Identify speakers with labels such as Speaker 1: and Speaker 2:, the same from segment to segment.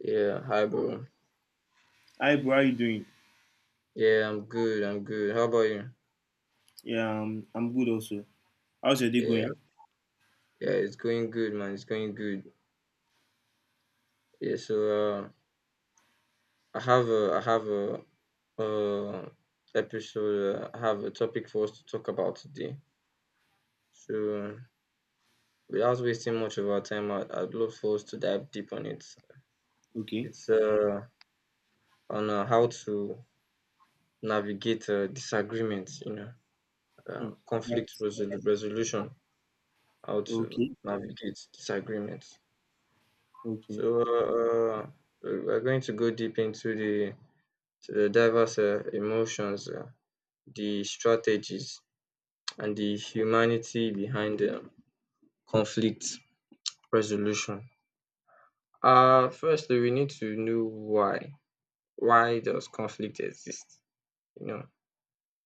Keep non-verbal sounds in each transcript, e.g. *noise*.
Speaker 1: Yeah, hi bro.
Speaker 2: Hi, bro. How you doing?
Speaker 1: Yeah, I'm good. I'm good. How about you?
Speaker 2: Yeah, I'm good also. How's your day
Speaker 1: Yeah,
Speaker 2: going?
Speaker 1: yeah, it's going good, man. It's going good. Yeah, so uh, I have a, uh, episode. I have a topic for us to talk about today. So without wasting much of our time, I'd love for us to dive deep on it.
Speaker 2: Okay.
Speaker 1: It's on how to navigate disagreements. You know,
Speaker 2: Mm.
Speaker 1: conflict
Speaker 2: Yes.
Speaker 1: resolution. How to
Speaker 2: Okay.
Speaker 1: navigate disagreements.
Speaker 2: Okay.
Speaker 1: So we're going to go deep into the diverse emotions, the strategies, and the humanity behind conflict resolution. Firstly, we need to know why. Why does conflict exist? You know,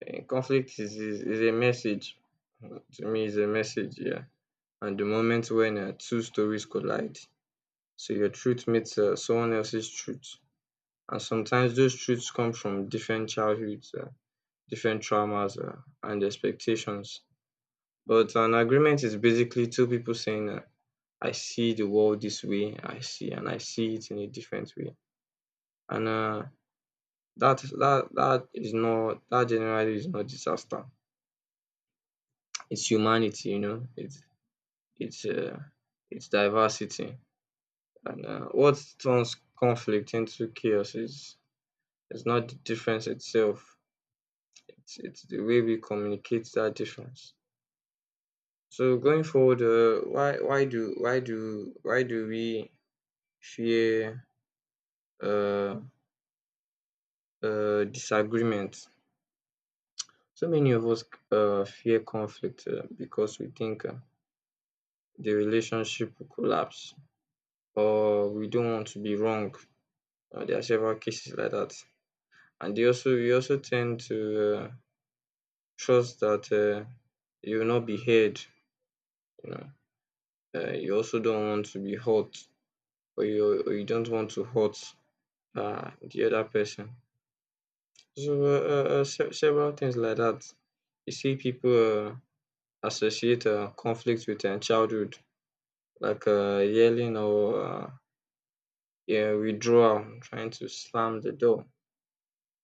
Speaker 1: conflict is a message. Mm, to me, is a message, yeah. And the moment when two stories collide, so your truth meets someone else's truth. And sometimes those truths come from different childhoods, different traumas, and expectations. But an agreement is basically two people saying, I see the world this way, and I see it in a different way. And that is not, that generally is not disaster. It's humanity, you know, it's, uh, it's diversity. And what turns conflict into chaos is not the difference itself. It's the way we communicate that difference. So going forward, why do we fear uh, disagreement? So many of us fear conflict because we think the relationship will collapse, or we don't want to be wrong. There are several cases like that, and they also we also tend to trust that you will not be heard. You know, you also don't want to be hurt, or you don't want to hurt the other person. So several things like that. You see people associate conflict with childhood, like yelling or yeah, withdrawal, trying to slam the door.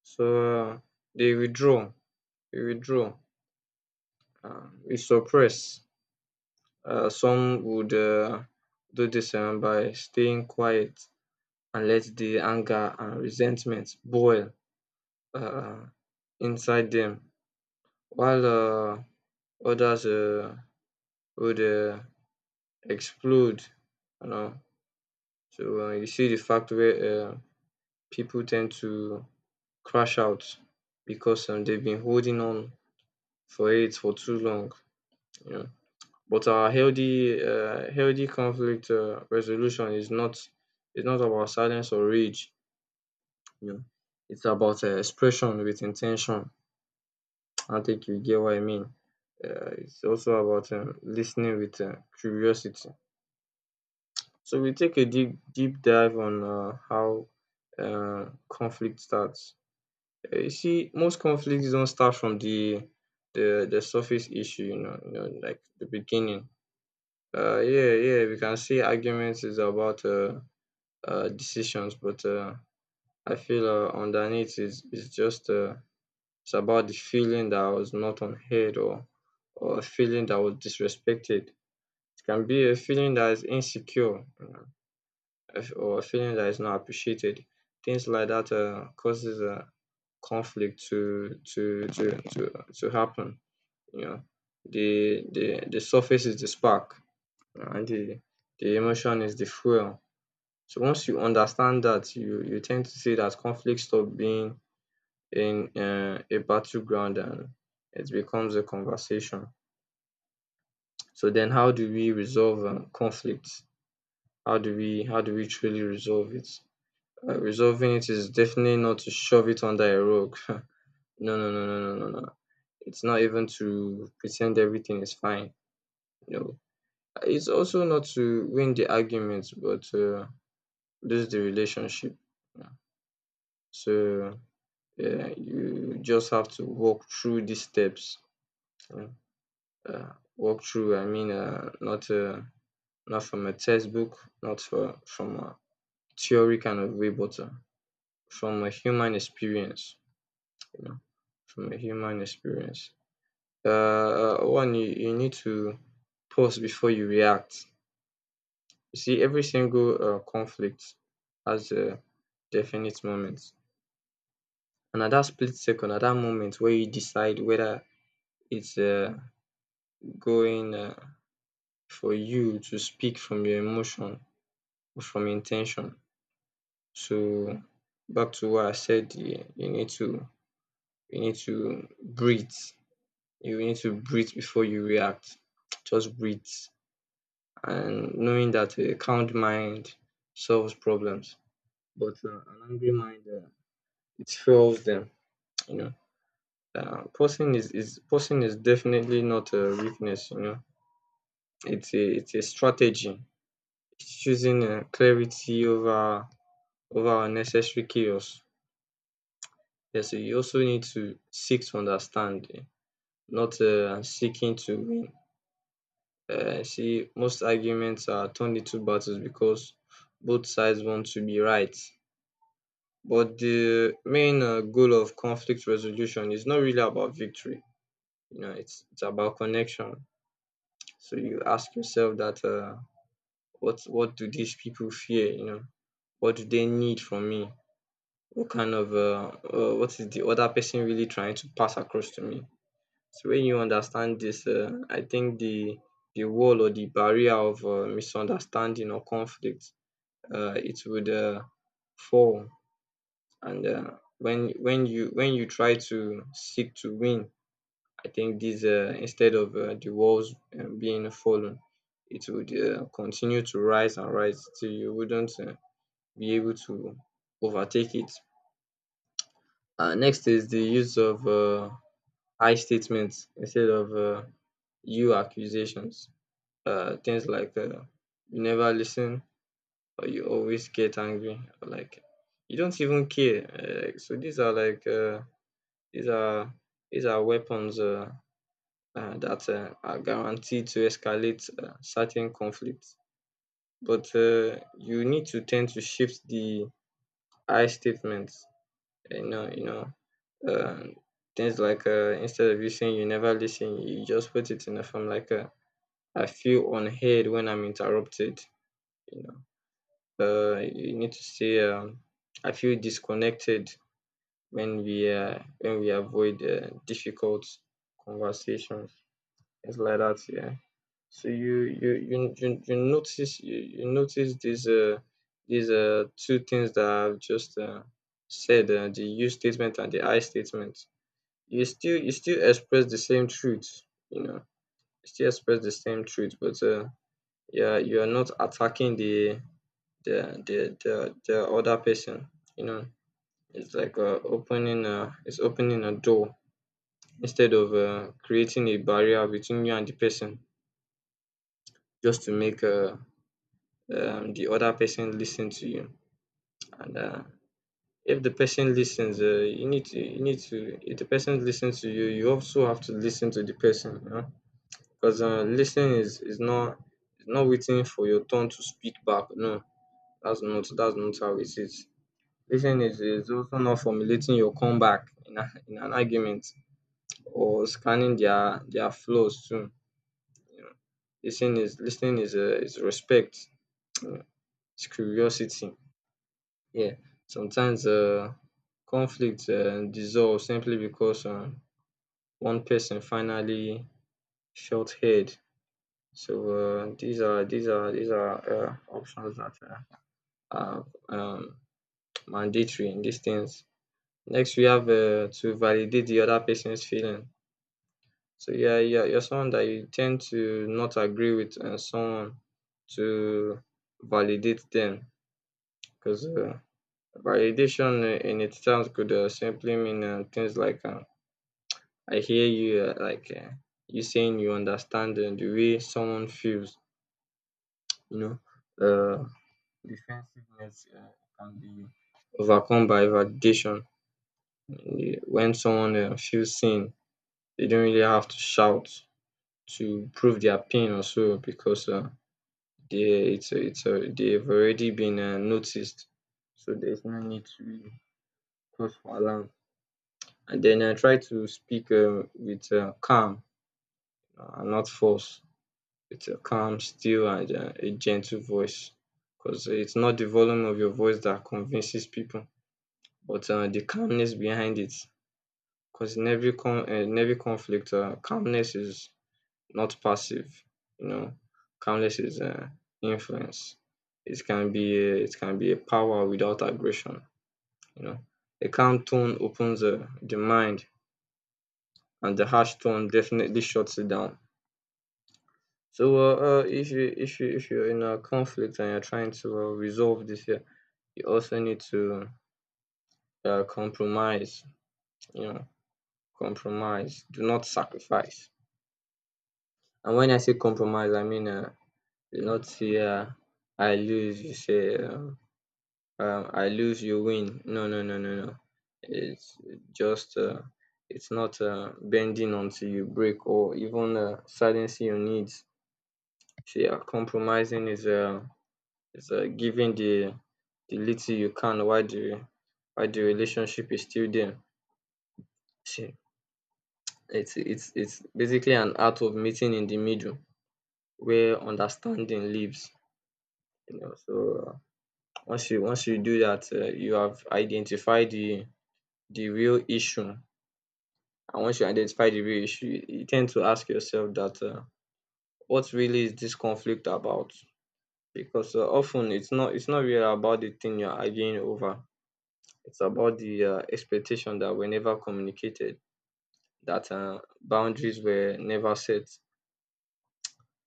Speaker 1: So uh, they withdraw, they withdraw, we suppress. Some would do this by staying quiet and let the anger and resentment boil uh, inside them, while others would explode. You know, so you see the fact where people tend to crash out because they've been holding on for it for too long. You know, but our healthy conflict resolution is not about silence or rage. You know, it's about expression with intention. I think you get what I mean. It's also about listening with curiosity. So we take a deep dive on how conflict starts. You see, most conflicts don't start from the surface issue. You know, like the beginning. Yeah, yeah. We can say arguments is about decisions, but I feel underneath is just it's about the feeling that I was not unheard, or a feeling that was disrespected. It can be a feeling that is insecure or a feeling that is not appreciated. Things like that causes a conflict to to to to happen. You know, the the the surface is the spark, and the emotion is the fuel. So once you understand that, you tend to see that conflict stop being in a battleground, and it becomes a conversation. So then, how do we resolve conflicts? How do we truly resolve it? Resolving it is definitely not to shove it under a rug. *laughs* No, no, no, no, no, no, no. It's not even to pretend everything is fine. No, it's also not to win the argument, but lose the relationship. Yeah. So yeah, you just have to walk through these steps. Yeah. Walk through. I mean, not from a textbook, not for, from a theory kind of way, but from a human experience. You know, from a human experience. One, you need to pause before you react. You see, every single conflict has a definite moment. And at that split second, at that moment where you decide whether it's going for you to speak from your emotion or from intention. So, back to what I said, you need to breathe. You need to breathe before you react. Just breathe, and knowing that a calm mind solves problems, but an angry mind it fuels them. You know, posting is posting is definitely not a weakness. You know, it's a strategy. It's choosing clarity over unnecessary chaos. Yes, you also need to seek to understand, not seeking to win. See, most arguments are turned into battles because both sides want to be right. But the main goal of conflict resolution is not really about victory. You know, it's about connection. So you ask yourself that what do these people fear? You know, what do they need from me? What kind of what is the other person really trying to pass across to me? So when you understand this, I think the wall or the barrier of misunderstanding or conflict, it would fall. And when you try to seek to win, I think this instead of the walls being fallen, it would continue to rise and rise till you wouldn't be able to overtake it. Uh, next is the use of I statements instead of you accusations. Uh, things like you never listen, or you always get angry, or like you don't even care, these are like These are these are weapons that are guaranteed to escalate certain conflicts. But you need to tend to shift the I statements. You know, you know, um, things like instead of you saying you never listen, you just put it in a form like I feel unheard when I'm interrupted. You know, you need to say I feel disconnected when we avoid difficult conversations. It's like that, yeah. So you notice, you notice these two things that I've just said, the you statement and the I statement. You still express the same truth. You know, you still express the same truth, but yeah, you are not attacking the other person. You know, it's like opening it's opening a door instead of creating a barrier between you and the person, just to make the other person listen to you. And if the person listens, you need to if the person listens to you, you also have to listen to the person. You know, because listening is not is not waiting for your turn to speak back. No, that's not how it is. Listening is also not formulating your comeback in an argument, or scanning their flaws too. You know, listening is respect. You know, it's curiosity. Yeah, sometimes conflict dissolve simply because one person finally felt head. So these are options that are um mandatory in these things. Next we have to validate the other person's feeling. So yeah, yeah, you are someone that you tend to not agree with someone to validate them, because validation in itself could simply mean things like I hear you. You saying you understand the way someone feels. You know, uh, defensiveness can be overcome by validation. When someone feels seen, they don't really have to shout to prove their pain or so, because they it's they've already been noticed, so there's no need to really cause for alarm. And then I try to speak with calm, and not force. It's a calm, still, and a gentle voice. Because it's not the volume of your voice that convinces people, but the calmness behind it. Because in every conflict, calmness is not passive. You know, calmness is influence. It can be it can be a power without aggression. You know, a calm tone opens the mind, and the harsh tone definitely shuts it down. So if you if you if you're in a conflict and you're trying to resolve this, yeah, you also need to compromise. You know, compromise. Do not sacrifice. And when I say compromise, I mean do not say I lose. You say I lose, you win. No, no, no, no, no. It's just it's not bending until you break or even silencing your needs. See, compromising is It's giving the little you can while the relationship is still there. See, it's basically an art of meeting in the middle where understanding lives. You know, so once you do that, you have identified the real issue. And once you identify the real issue, you tend to ask yourself that what really is this conflict about? Because often it's not really about the thing you're arguing over. It's about the expectation that were never communicated, that boundaries were never set.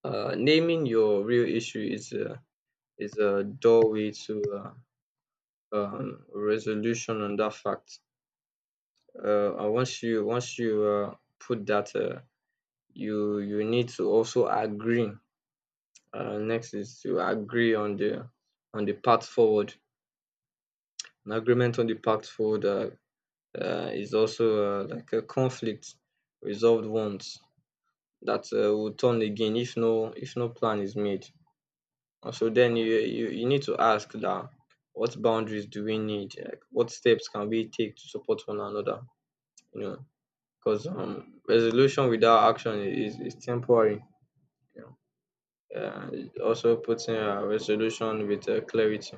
Speaker 1: Naming your real issue is a doorway to resolution on that fact. And once you put that, you you need to also agree. Next is to agree on the path forward. An agreement on the path forward is also like a conflict resolved once that will turn again if no plan is made. And so then you need to ask that what boundaries do we need? Like what steps can we take to support one another? You know, because resolution without action is temporary. You know, it also putting a resolution with clarity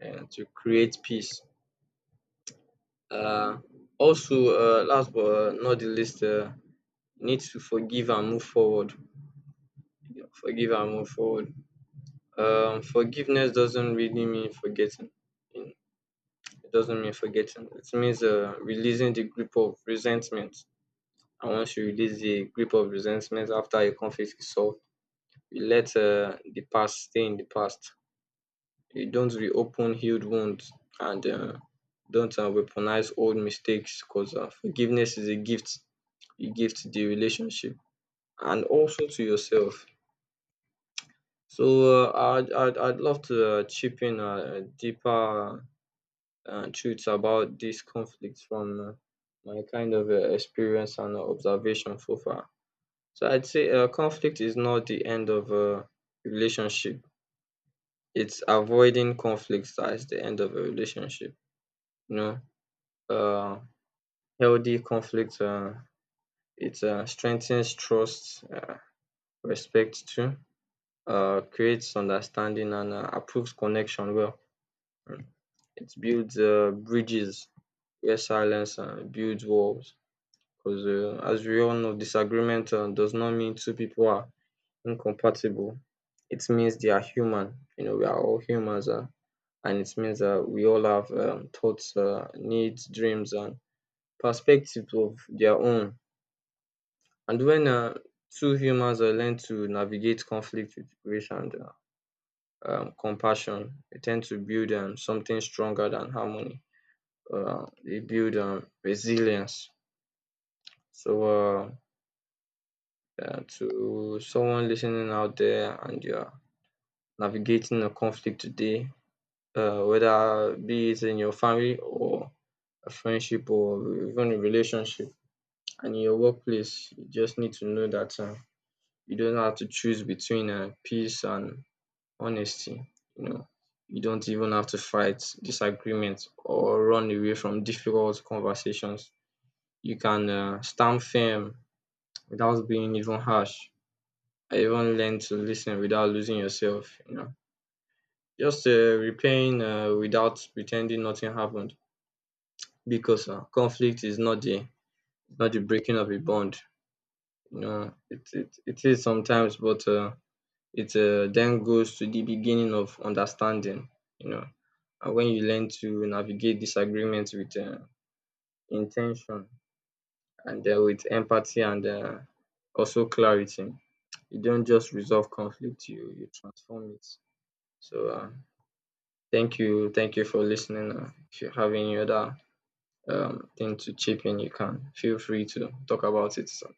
Speaker 1: and to create peace. Uh, Also, last but not the least, need to forgive and move forward. You know, forgive and move forward. Forgiveness doesn't really mean forgetting. It doesn't mean forgetting. It means releasing the grip of resentment. And once you release the grip of resentment after a conflict is solved, you let the past stay in the past. You don't reopen healed wounds and don't weaponize old mistakes because forgiveness is a gift you give to the relationship and also to yourself. So I'd love to chip in a deeper truths about these conflicts from my kind of experience and observation so far. So I'd say conflict is not the end of a relationship. It's avoiding conflicts as the end of a relationship. You know, uh, healthy conflict. It strengthens trust, respect too, creates understanding and approves connection well. Mm. It builds bridges where silence builds walls. Because as we all know, disagreement does not mean two people are incompatible. It means they are human. You know, we are all humans, and it means that we all have thoughts, needs, dreams, and perspectives of their own. And when two humans learn to navigate conflict with grace and compassion, they tend to build something stronger than harmony. They build resilience. So, uh, to someone listening out there and you're navigating a conflict today, whether be it in your family or a friendship or even a relationship and in your workplace, you just need to know that you don't have to choose between peace and honesty. You know, you don't even have to fight disagreements or run away from difficult conversations. You can stand firm without being even harsh. I even learned to listen without losing yourself, you know, just replaying without pretending nothing happened. Because conflict is not the breaking of a bond, you know. It it is sometimes, but it then goes to the beginning of understanding, you know. And when you learn to navigate disagreements with intention and with empathy and also clarity, you don't just resolve conflict; you transform it. So. Thank you. Thank you for listening. If you have any other thing to chip in, you can feel free to talk about it. So.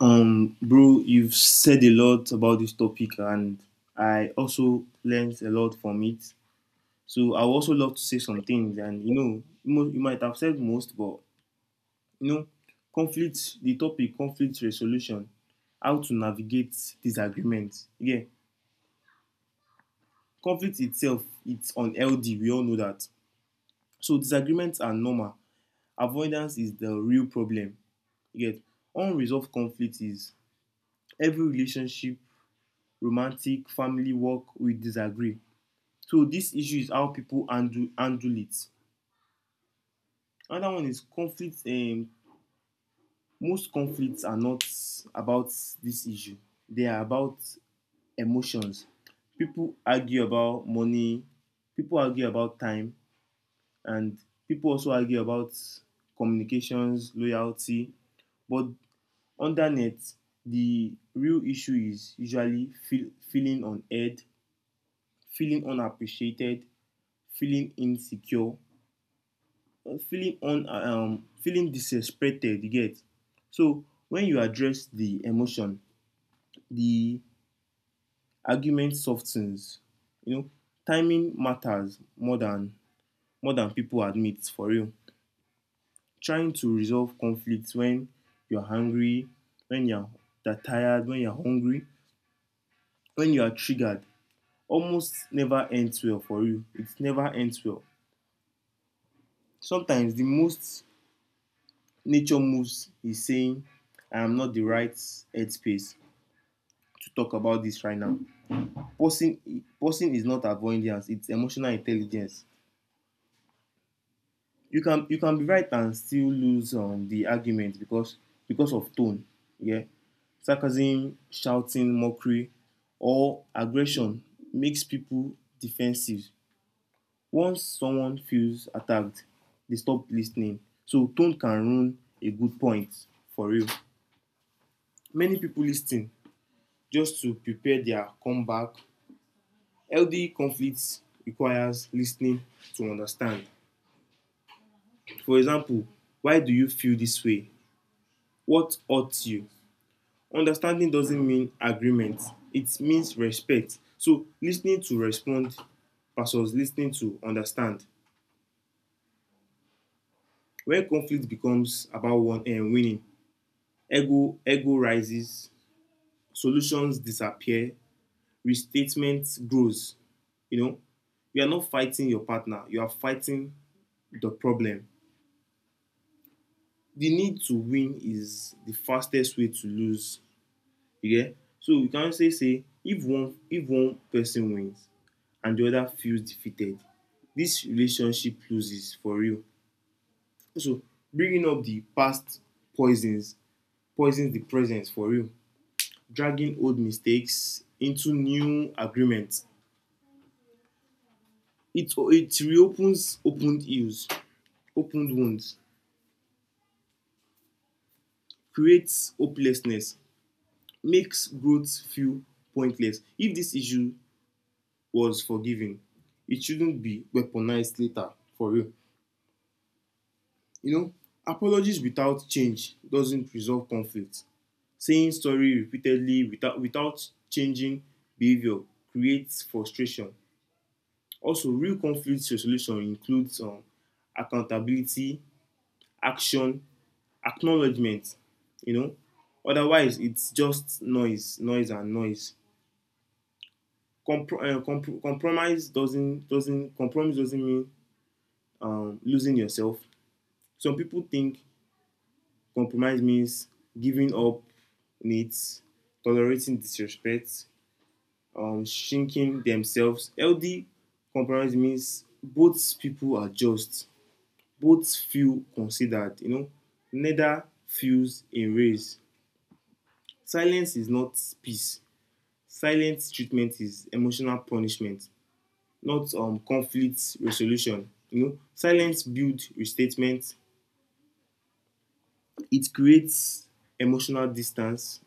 Speaker 2: Bro, you've said a lot about this topic, and I also learned a lot from it. So I would also love to say some things, and you know, you might have said most, but you know, conflict. The topic conflict resolution, how to navigate disagreements. Yeah, conflict itself, it's unhealthy. We all know that. So disagreements are normal, avoidance is the real problem. You get unresolved conflict is every relationship, romantic, family, work, we disagree. So this issue is how people handle it. Another one is conflict. Most conflicts are not about this issue. They are about emotions. People argue about money. People argue about time, and people also argue about communications, loyalty. But Undernet, the real issue is usually feeling unheard, feeling unappreciated, feeling insecure, feeling disrespected. You get so when you address the emotion, the argument softens. You know, timing matters more than people admit for real. Trying to resolve conflicts when you're hungry, when you're that tired, when you're hungry, when you are triggered almost never ends well for you. It never ends well. Sometimes the most nature moves is saying, I am not the right headspace to talk about this right now. Pausing is not avoidance, it's emotional intelligence. You can be right and still lose the argument because of tone, yeah. Sarcasm, shouting, mockery, or aggression makes people defensive. Once someone feels attacked, they stop listening. So tone can ruin a good point for real. Many people lis just to prepare their comeback. Healthy conflicts requires listening to understand. For example, why do you feel this way? What hurts you? Understanding doesn't mean agreement. It means respect. So listening to respond versus listening to understand. When conflict becomes about one winning, ego rises, solutions disappear, restatement grows. You know, you are not fighting your partner, you are fighting the problem. The need to win is the fastest way to lose. Okay? So you can say say if one person wins and the other feels defeated, this relationship loses for real. So bringing up the past poisons poisons the present for real. Dragging old mistakes into new agreements. It reopens opened ills, opened wounds, creates hopelessness, makes growth feel pointless. If this issue was forgiven, it shouldn't be weaponized later, for real. You know, apologies without change doesn't resolve conflict. Saying sorry repeatedly without changing behavior creates frustration. Also, real conflict resolution includes accountability, action, acknowledgement, you know. Otherwise, it's just noise, noise, and noise. Compromise doesn't compromise doesn't mean losing yourself. Some people think compromise means giving up needs, tolerating disrespect, shrinking themselves. Healthy compromise means both people are just, both feel considered. You know, neither feels erased. Silence is not peace. Silent treatment is emotional punishment, not conflict resolution. You know, silence builds restatement. It creates emotional distance,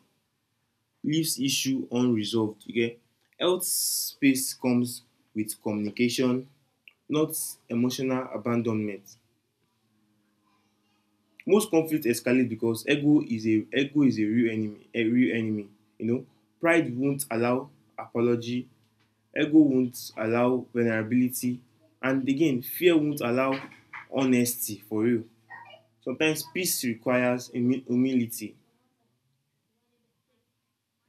Speaker 2: leaves issue unresolved. You get health space comes with communication, not emotional abandonment. Most conflict escalate because ego is a real enemy, a real enemy. You know, pride won't allow apology, ego won't allow vulnerability, and again fear won't allow honesty for real. Sometimes peace requires humility.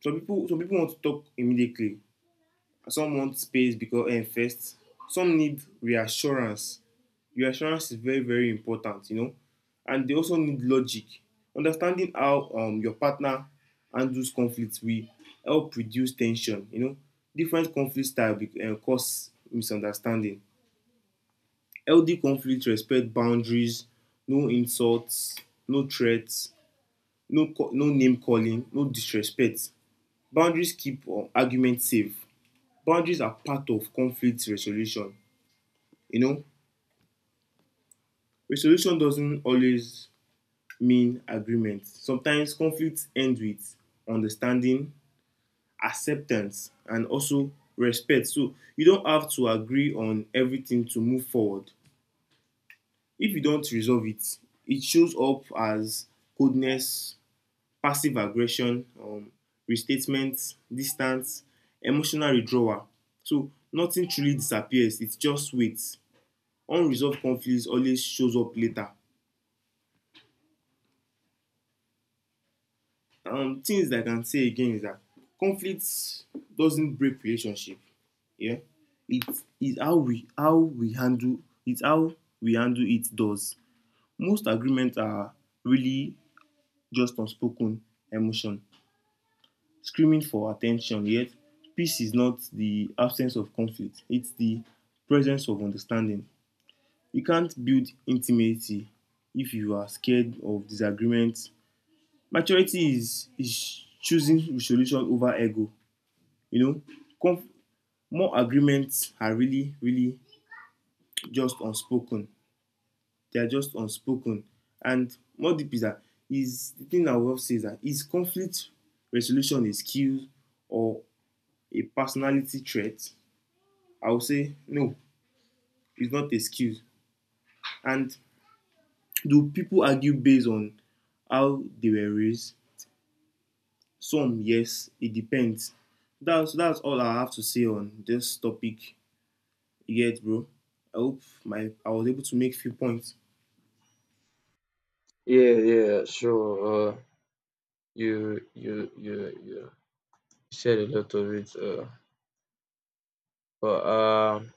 Speaker 2: Some people want to talk immediately, some want space because first, some need reassurance. Reassurance is very, very important, you know, and they also need logic. Understanding how your partner handles conflicts will help reduce tension. You know, different conflict style cause misunderstanding. Healthy conflict respect boundaries, no insults, no threats, no name calling, no disrespect. Boundaries keep arguments safe. Boundaries are part of conflict resolution. You know, resolution doesn't always mean agreement. Sometimes conflicts end with understanding, acceptance, and also respect. So you don't have to agree on everything to move forward. If you don't resolve it, it shows up as coldness, passive aggression, restatement, distance, emotional withdrawal. So nothing truly disappears, it just waits. Unresolved conflicts always shows up later. Things that I can say again is that conflict doesn't break relationship. Yeah, it is how we handle, it's how we handle it does. Most agreements are really just unspoken emotion, screaming for attention, yet peace is not the absence of conflict, it's the presence of understanding. You can't build intimacy if you are scared of disagreement. Is choosing resolution over ego. You know, Conf- more agreements are really, really just unspoken. They are just unspoken. And more deep is that is the thing that Wolf says that is conflict resolution a skill or a personality trait? I would say no, it's not a skill. And do people argue based on how they were raised? Some, yes, it depends. That's all I have to say on this topic. You get, bro. I hope my I was able to make few points.
Speaker 1: Yeah, yeah, sure. You said a lot of it. But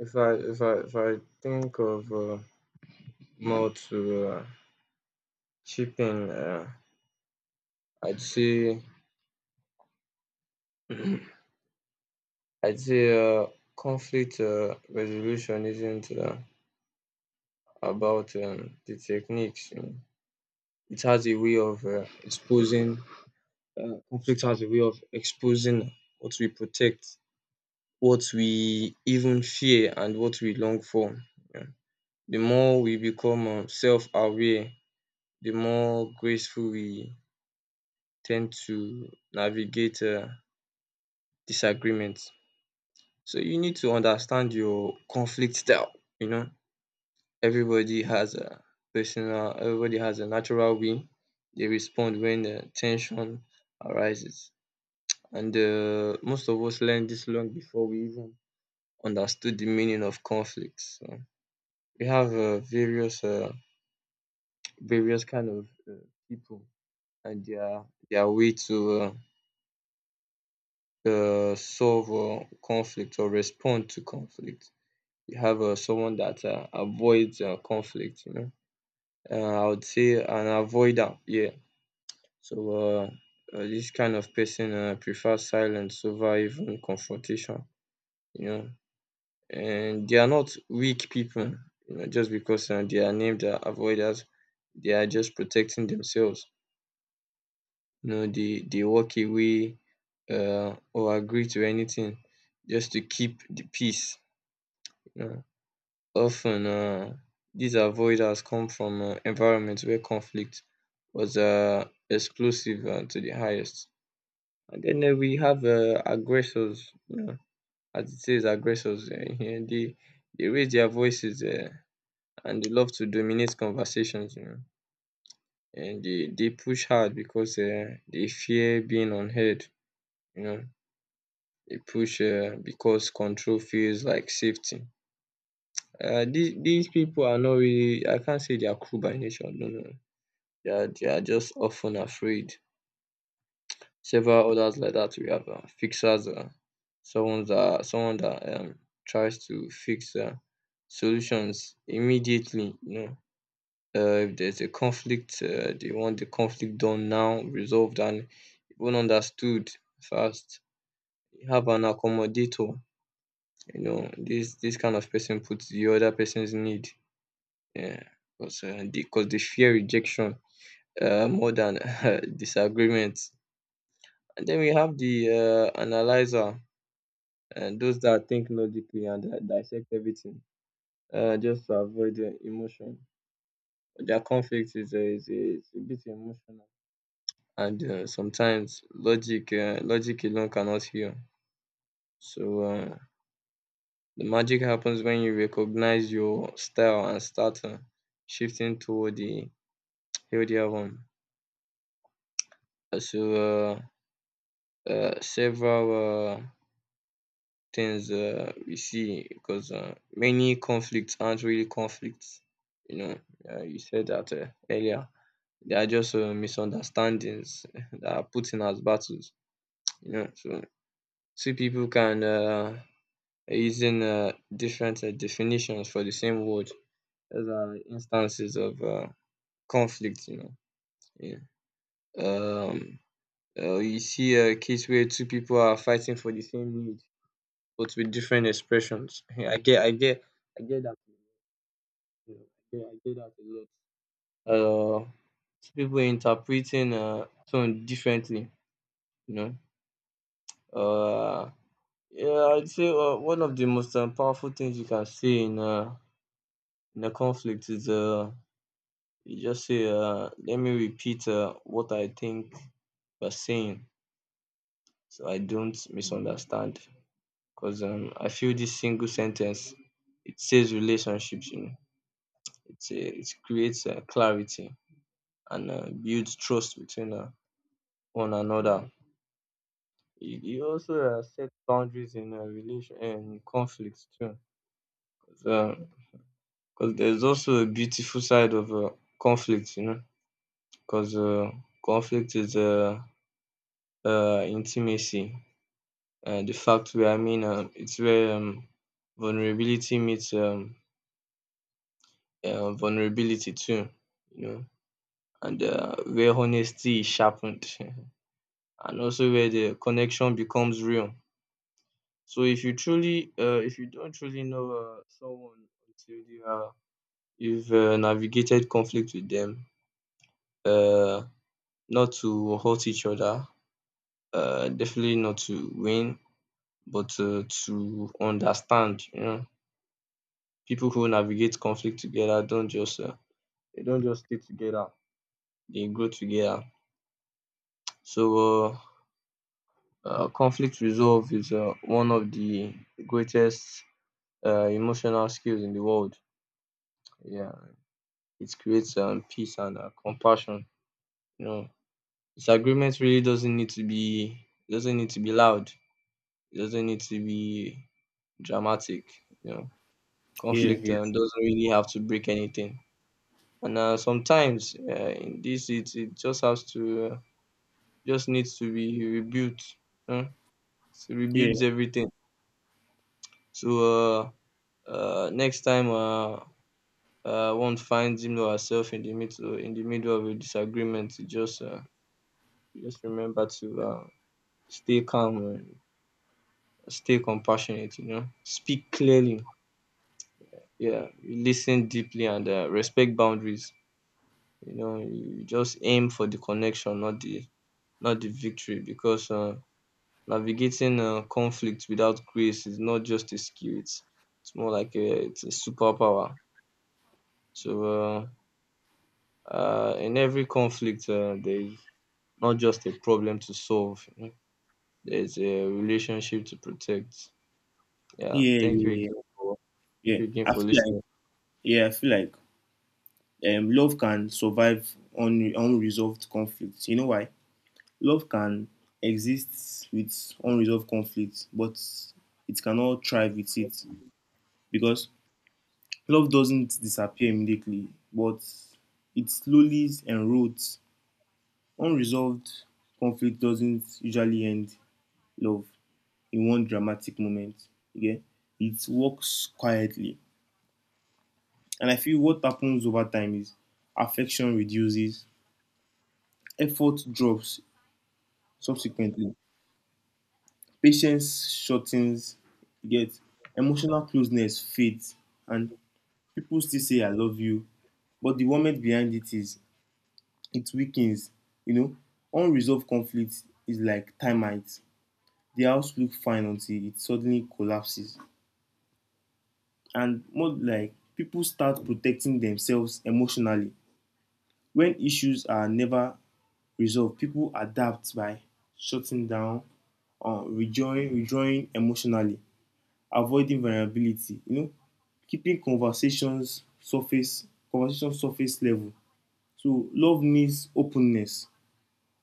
Speaker 1: if I think of more to chip in, I'd say, I'd say, conflict resolution isn't about the techniques. You know. It has a way of exposing conflict has a way of exposing what we protect, what we even fear, and what we long for. Yeah. The more we become self aware, the more graceful we tend to navigate disagreements. So, you need to understand your conflict style. You know, everybody has a everybody has a natural way they respond when tension arises. And most of us learn this long before we even understood the meaning of conflicts. So we have various kind of people and their way to solve conflict or respond to conflict. You have someone that avoids conflict. You know, I would say an avoider. Yeah. So this kind of person prefers silence over even confrontation. You know. And they are not weak people, you know, just because they are named avoiders. They are just protecting themselves. You know, they walk away or agree to anything just to keep the peace. You know, often these avoiders come from environments where conflict was explosive to the highest. And then we have aggressors. You know, as it says, aggressors. *laughs* They raise their voices. And they love to dominate conversations, you know. And they push hard because they fear being unheard, you know. They push because control feels like safety. These people are not really, I can't say they are cruel by nature, no, no. They are just often afraid. Several others like that, we have fixers, someone that tries to fix solutions immediately, you know. If there's a conflict, they want the conflict done now, resolved, and even understood fast. You Have an accommodator. You know, this kind of person puts the other person's need. Yeah, because 'cause they fear rejection more than *laughs* disagreements. And then we have the analyzer and those that think logically and dissect everything just to avoid emotion. Their conflict is, is a bit emotional and sometimes logic alone cannot heal. So the magic happens when you recognize your style and start shifting toward the healthier one. Uh, so uh, several things we see because many conflicts aren't really conflicts, you know. You said that earlier they are just misunderstandings *laughs* that are put in as battles, you know. So two people can using different definitions for the same word. Those are instances of conflict, you know. Yeah. Um, you see a case where two people are fighting for the same need, but with different expressions. Yeah, I get that. You know, I get that a lot. Two people interpreting tone differently, you know. Uh, yeah, I'd say one of the most powerful things you can see in a conflict is you just say, let me repeat what I think you're saying so I don't misunderstand. Because I feel this single sentence, it says relationships, you know, it creates clarity and builds trust between one another. It also sets boundaries in relation and conflicts too. Because there's also a beautiful side of conflict, you know, because conflict is intimacy, the fact where I mean it's where vulnerability meets vulnerability too, you know, and where honesty is sharpened, *laughs* and also where the connection becomes real. So if you truly, if you don't truly know someone until you've navigated conflict with them, uh, not to hurt each other, definitely not to win, but to understand, you know. People who navigate conflict together don't just they don't just stay together, they grow together. So conflict resolve is one of the greatest emotional skills in the world. Yeah, it creates peace and compassion, you know. Disagreement really doesn't need to be it doesn't need to be loud, it doesn't need to be dramatic, you know.
Speaker 2: Yeah,
Speaker 1: Conflict
Speaker 2: yeah.
Speaker 1: doesn't really have to break anything, and sometimes in this it just has to just needs to be rebuilt. Huh? So
Speaker 2: Yeah,
Speaker 1: rebuilds everything. So next time one finds him or herself in the middle of a disagreement, you just remember to stay calm and stay compassionate. You know, speak clearly. Yeah, you listen deeply and respect boundaries. You know, you just aim for the connection, not the not the victory, because navigating conflict without grace is not just a skill; it's more like a it's a superpower. So in every conflict, there is not just a problem to solve. You know, there's a relationship to protect. Yeah.
Speaker 2: yeah,
Speaker 1: Thank you
Speaker 2: yeah, yeah.
Speaker 1: again for thank
Speaker 2: Yeah.
Speaker 1: you again
Speaker 2: I
Speaker 1: for
Speaker 2: feel like
Speaker 1: listening.
Speaker 2: Yeah, I feel like love can survive on unresolved conflicts. You know why? Love can exist with unresolved conflicts, but it cannot thrive with it. Because love doesn't disappear immediately, but it slowly erodes. Unresolved conflict doesn't usually end love in one dramatic moment. Okay, it works quietly. And I feel what happens over time is affection reduces, effort drops subsequently, patience shortens, you get emotional closeness fades, and people still say I love you, but the moment behind it is it weakens. You know, unresolved conflict is like termites. The house looks fine until it suddenly collapses. And more like people start protecting themselves emotionally. When issues are never resolved, people adapt by shutting down, withdrawing emotionally, avoiding vulnerability. You know, keeping conversation surface level. So love needs openness.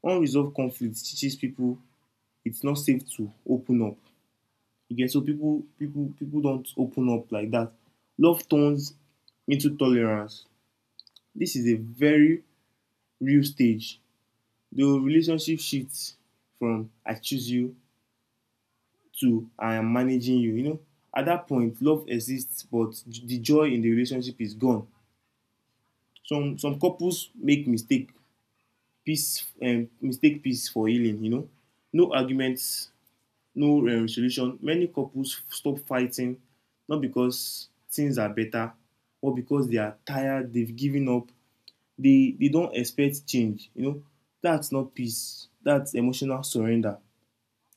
Speaker 2: Unresolved conflict teaches people it's not safe to open up. You get so people don't open up like that. Love turns into tolerance. This is a very real stage. The relationship shifts from I choose you to I am managing you. You know, at that point, love exists, but the joy in the relationship is gone. Some couples make mistake peace for healing. You know, no arguments, no solution, many couples stop fighting not because things are better or because they are tired, they've given up, they don't expect change. You know, that's not peace, that's emotional surrender.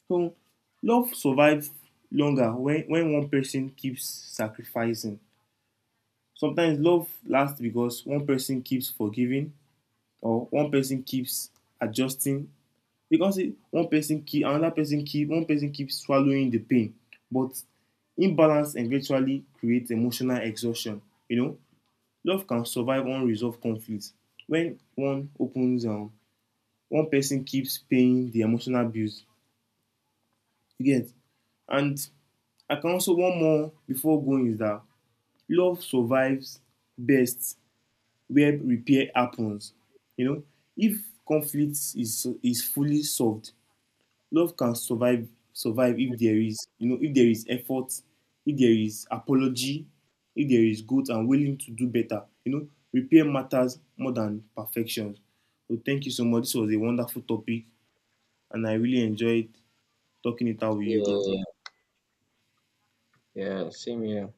Speaker 2: So, love survives longer when one person keeps sacrificing. Sometimes love lasts because one person keeps forgiving or one person keeps adjusting. Because one person keeps swallowing the pain, but imbalance eventually creates emotional exhaustion. You know, love can survive unresolved conflict when one person keeps paying the emotional bills. You get? And I can also one more before going is that love survives best where repair happens. You know, if conflict is fully solved, love can survive if there is, you know, if there is effort, if there is apology, if there is good and willing to do better, you know, repair matters more than perfection. So thank you so much, this was a wonderful topic and I really enjoyed talking it out with you, bro.
Speaker 1: Yeah. Yeah. Same here.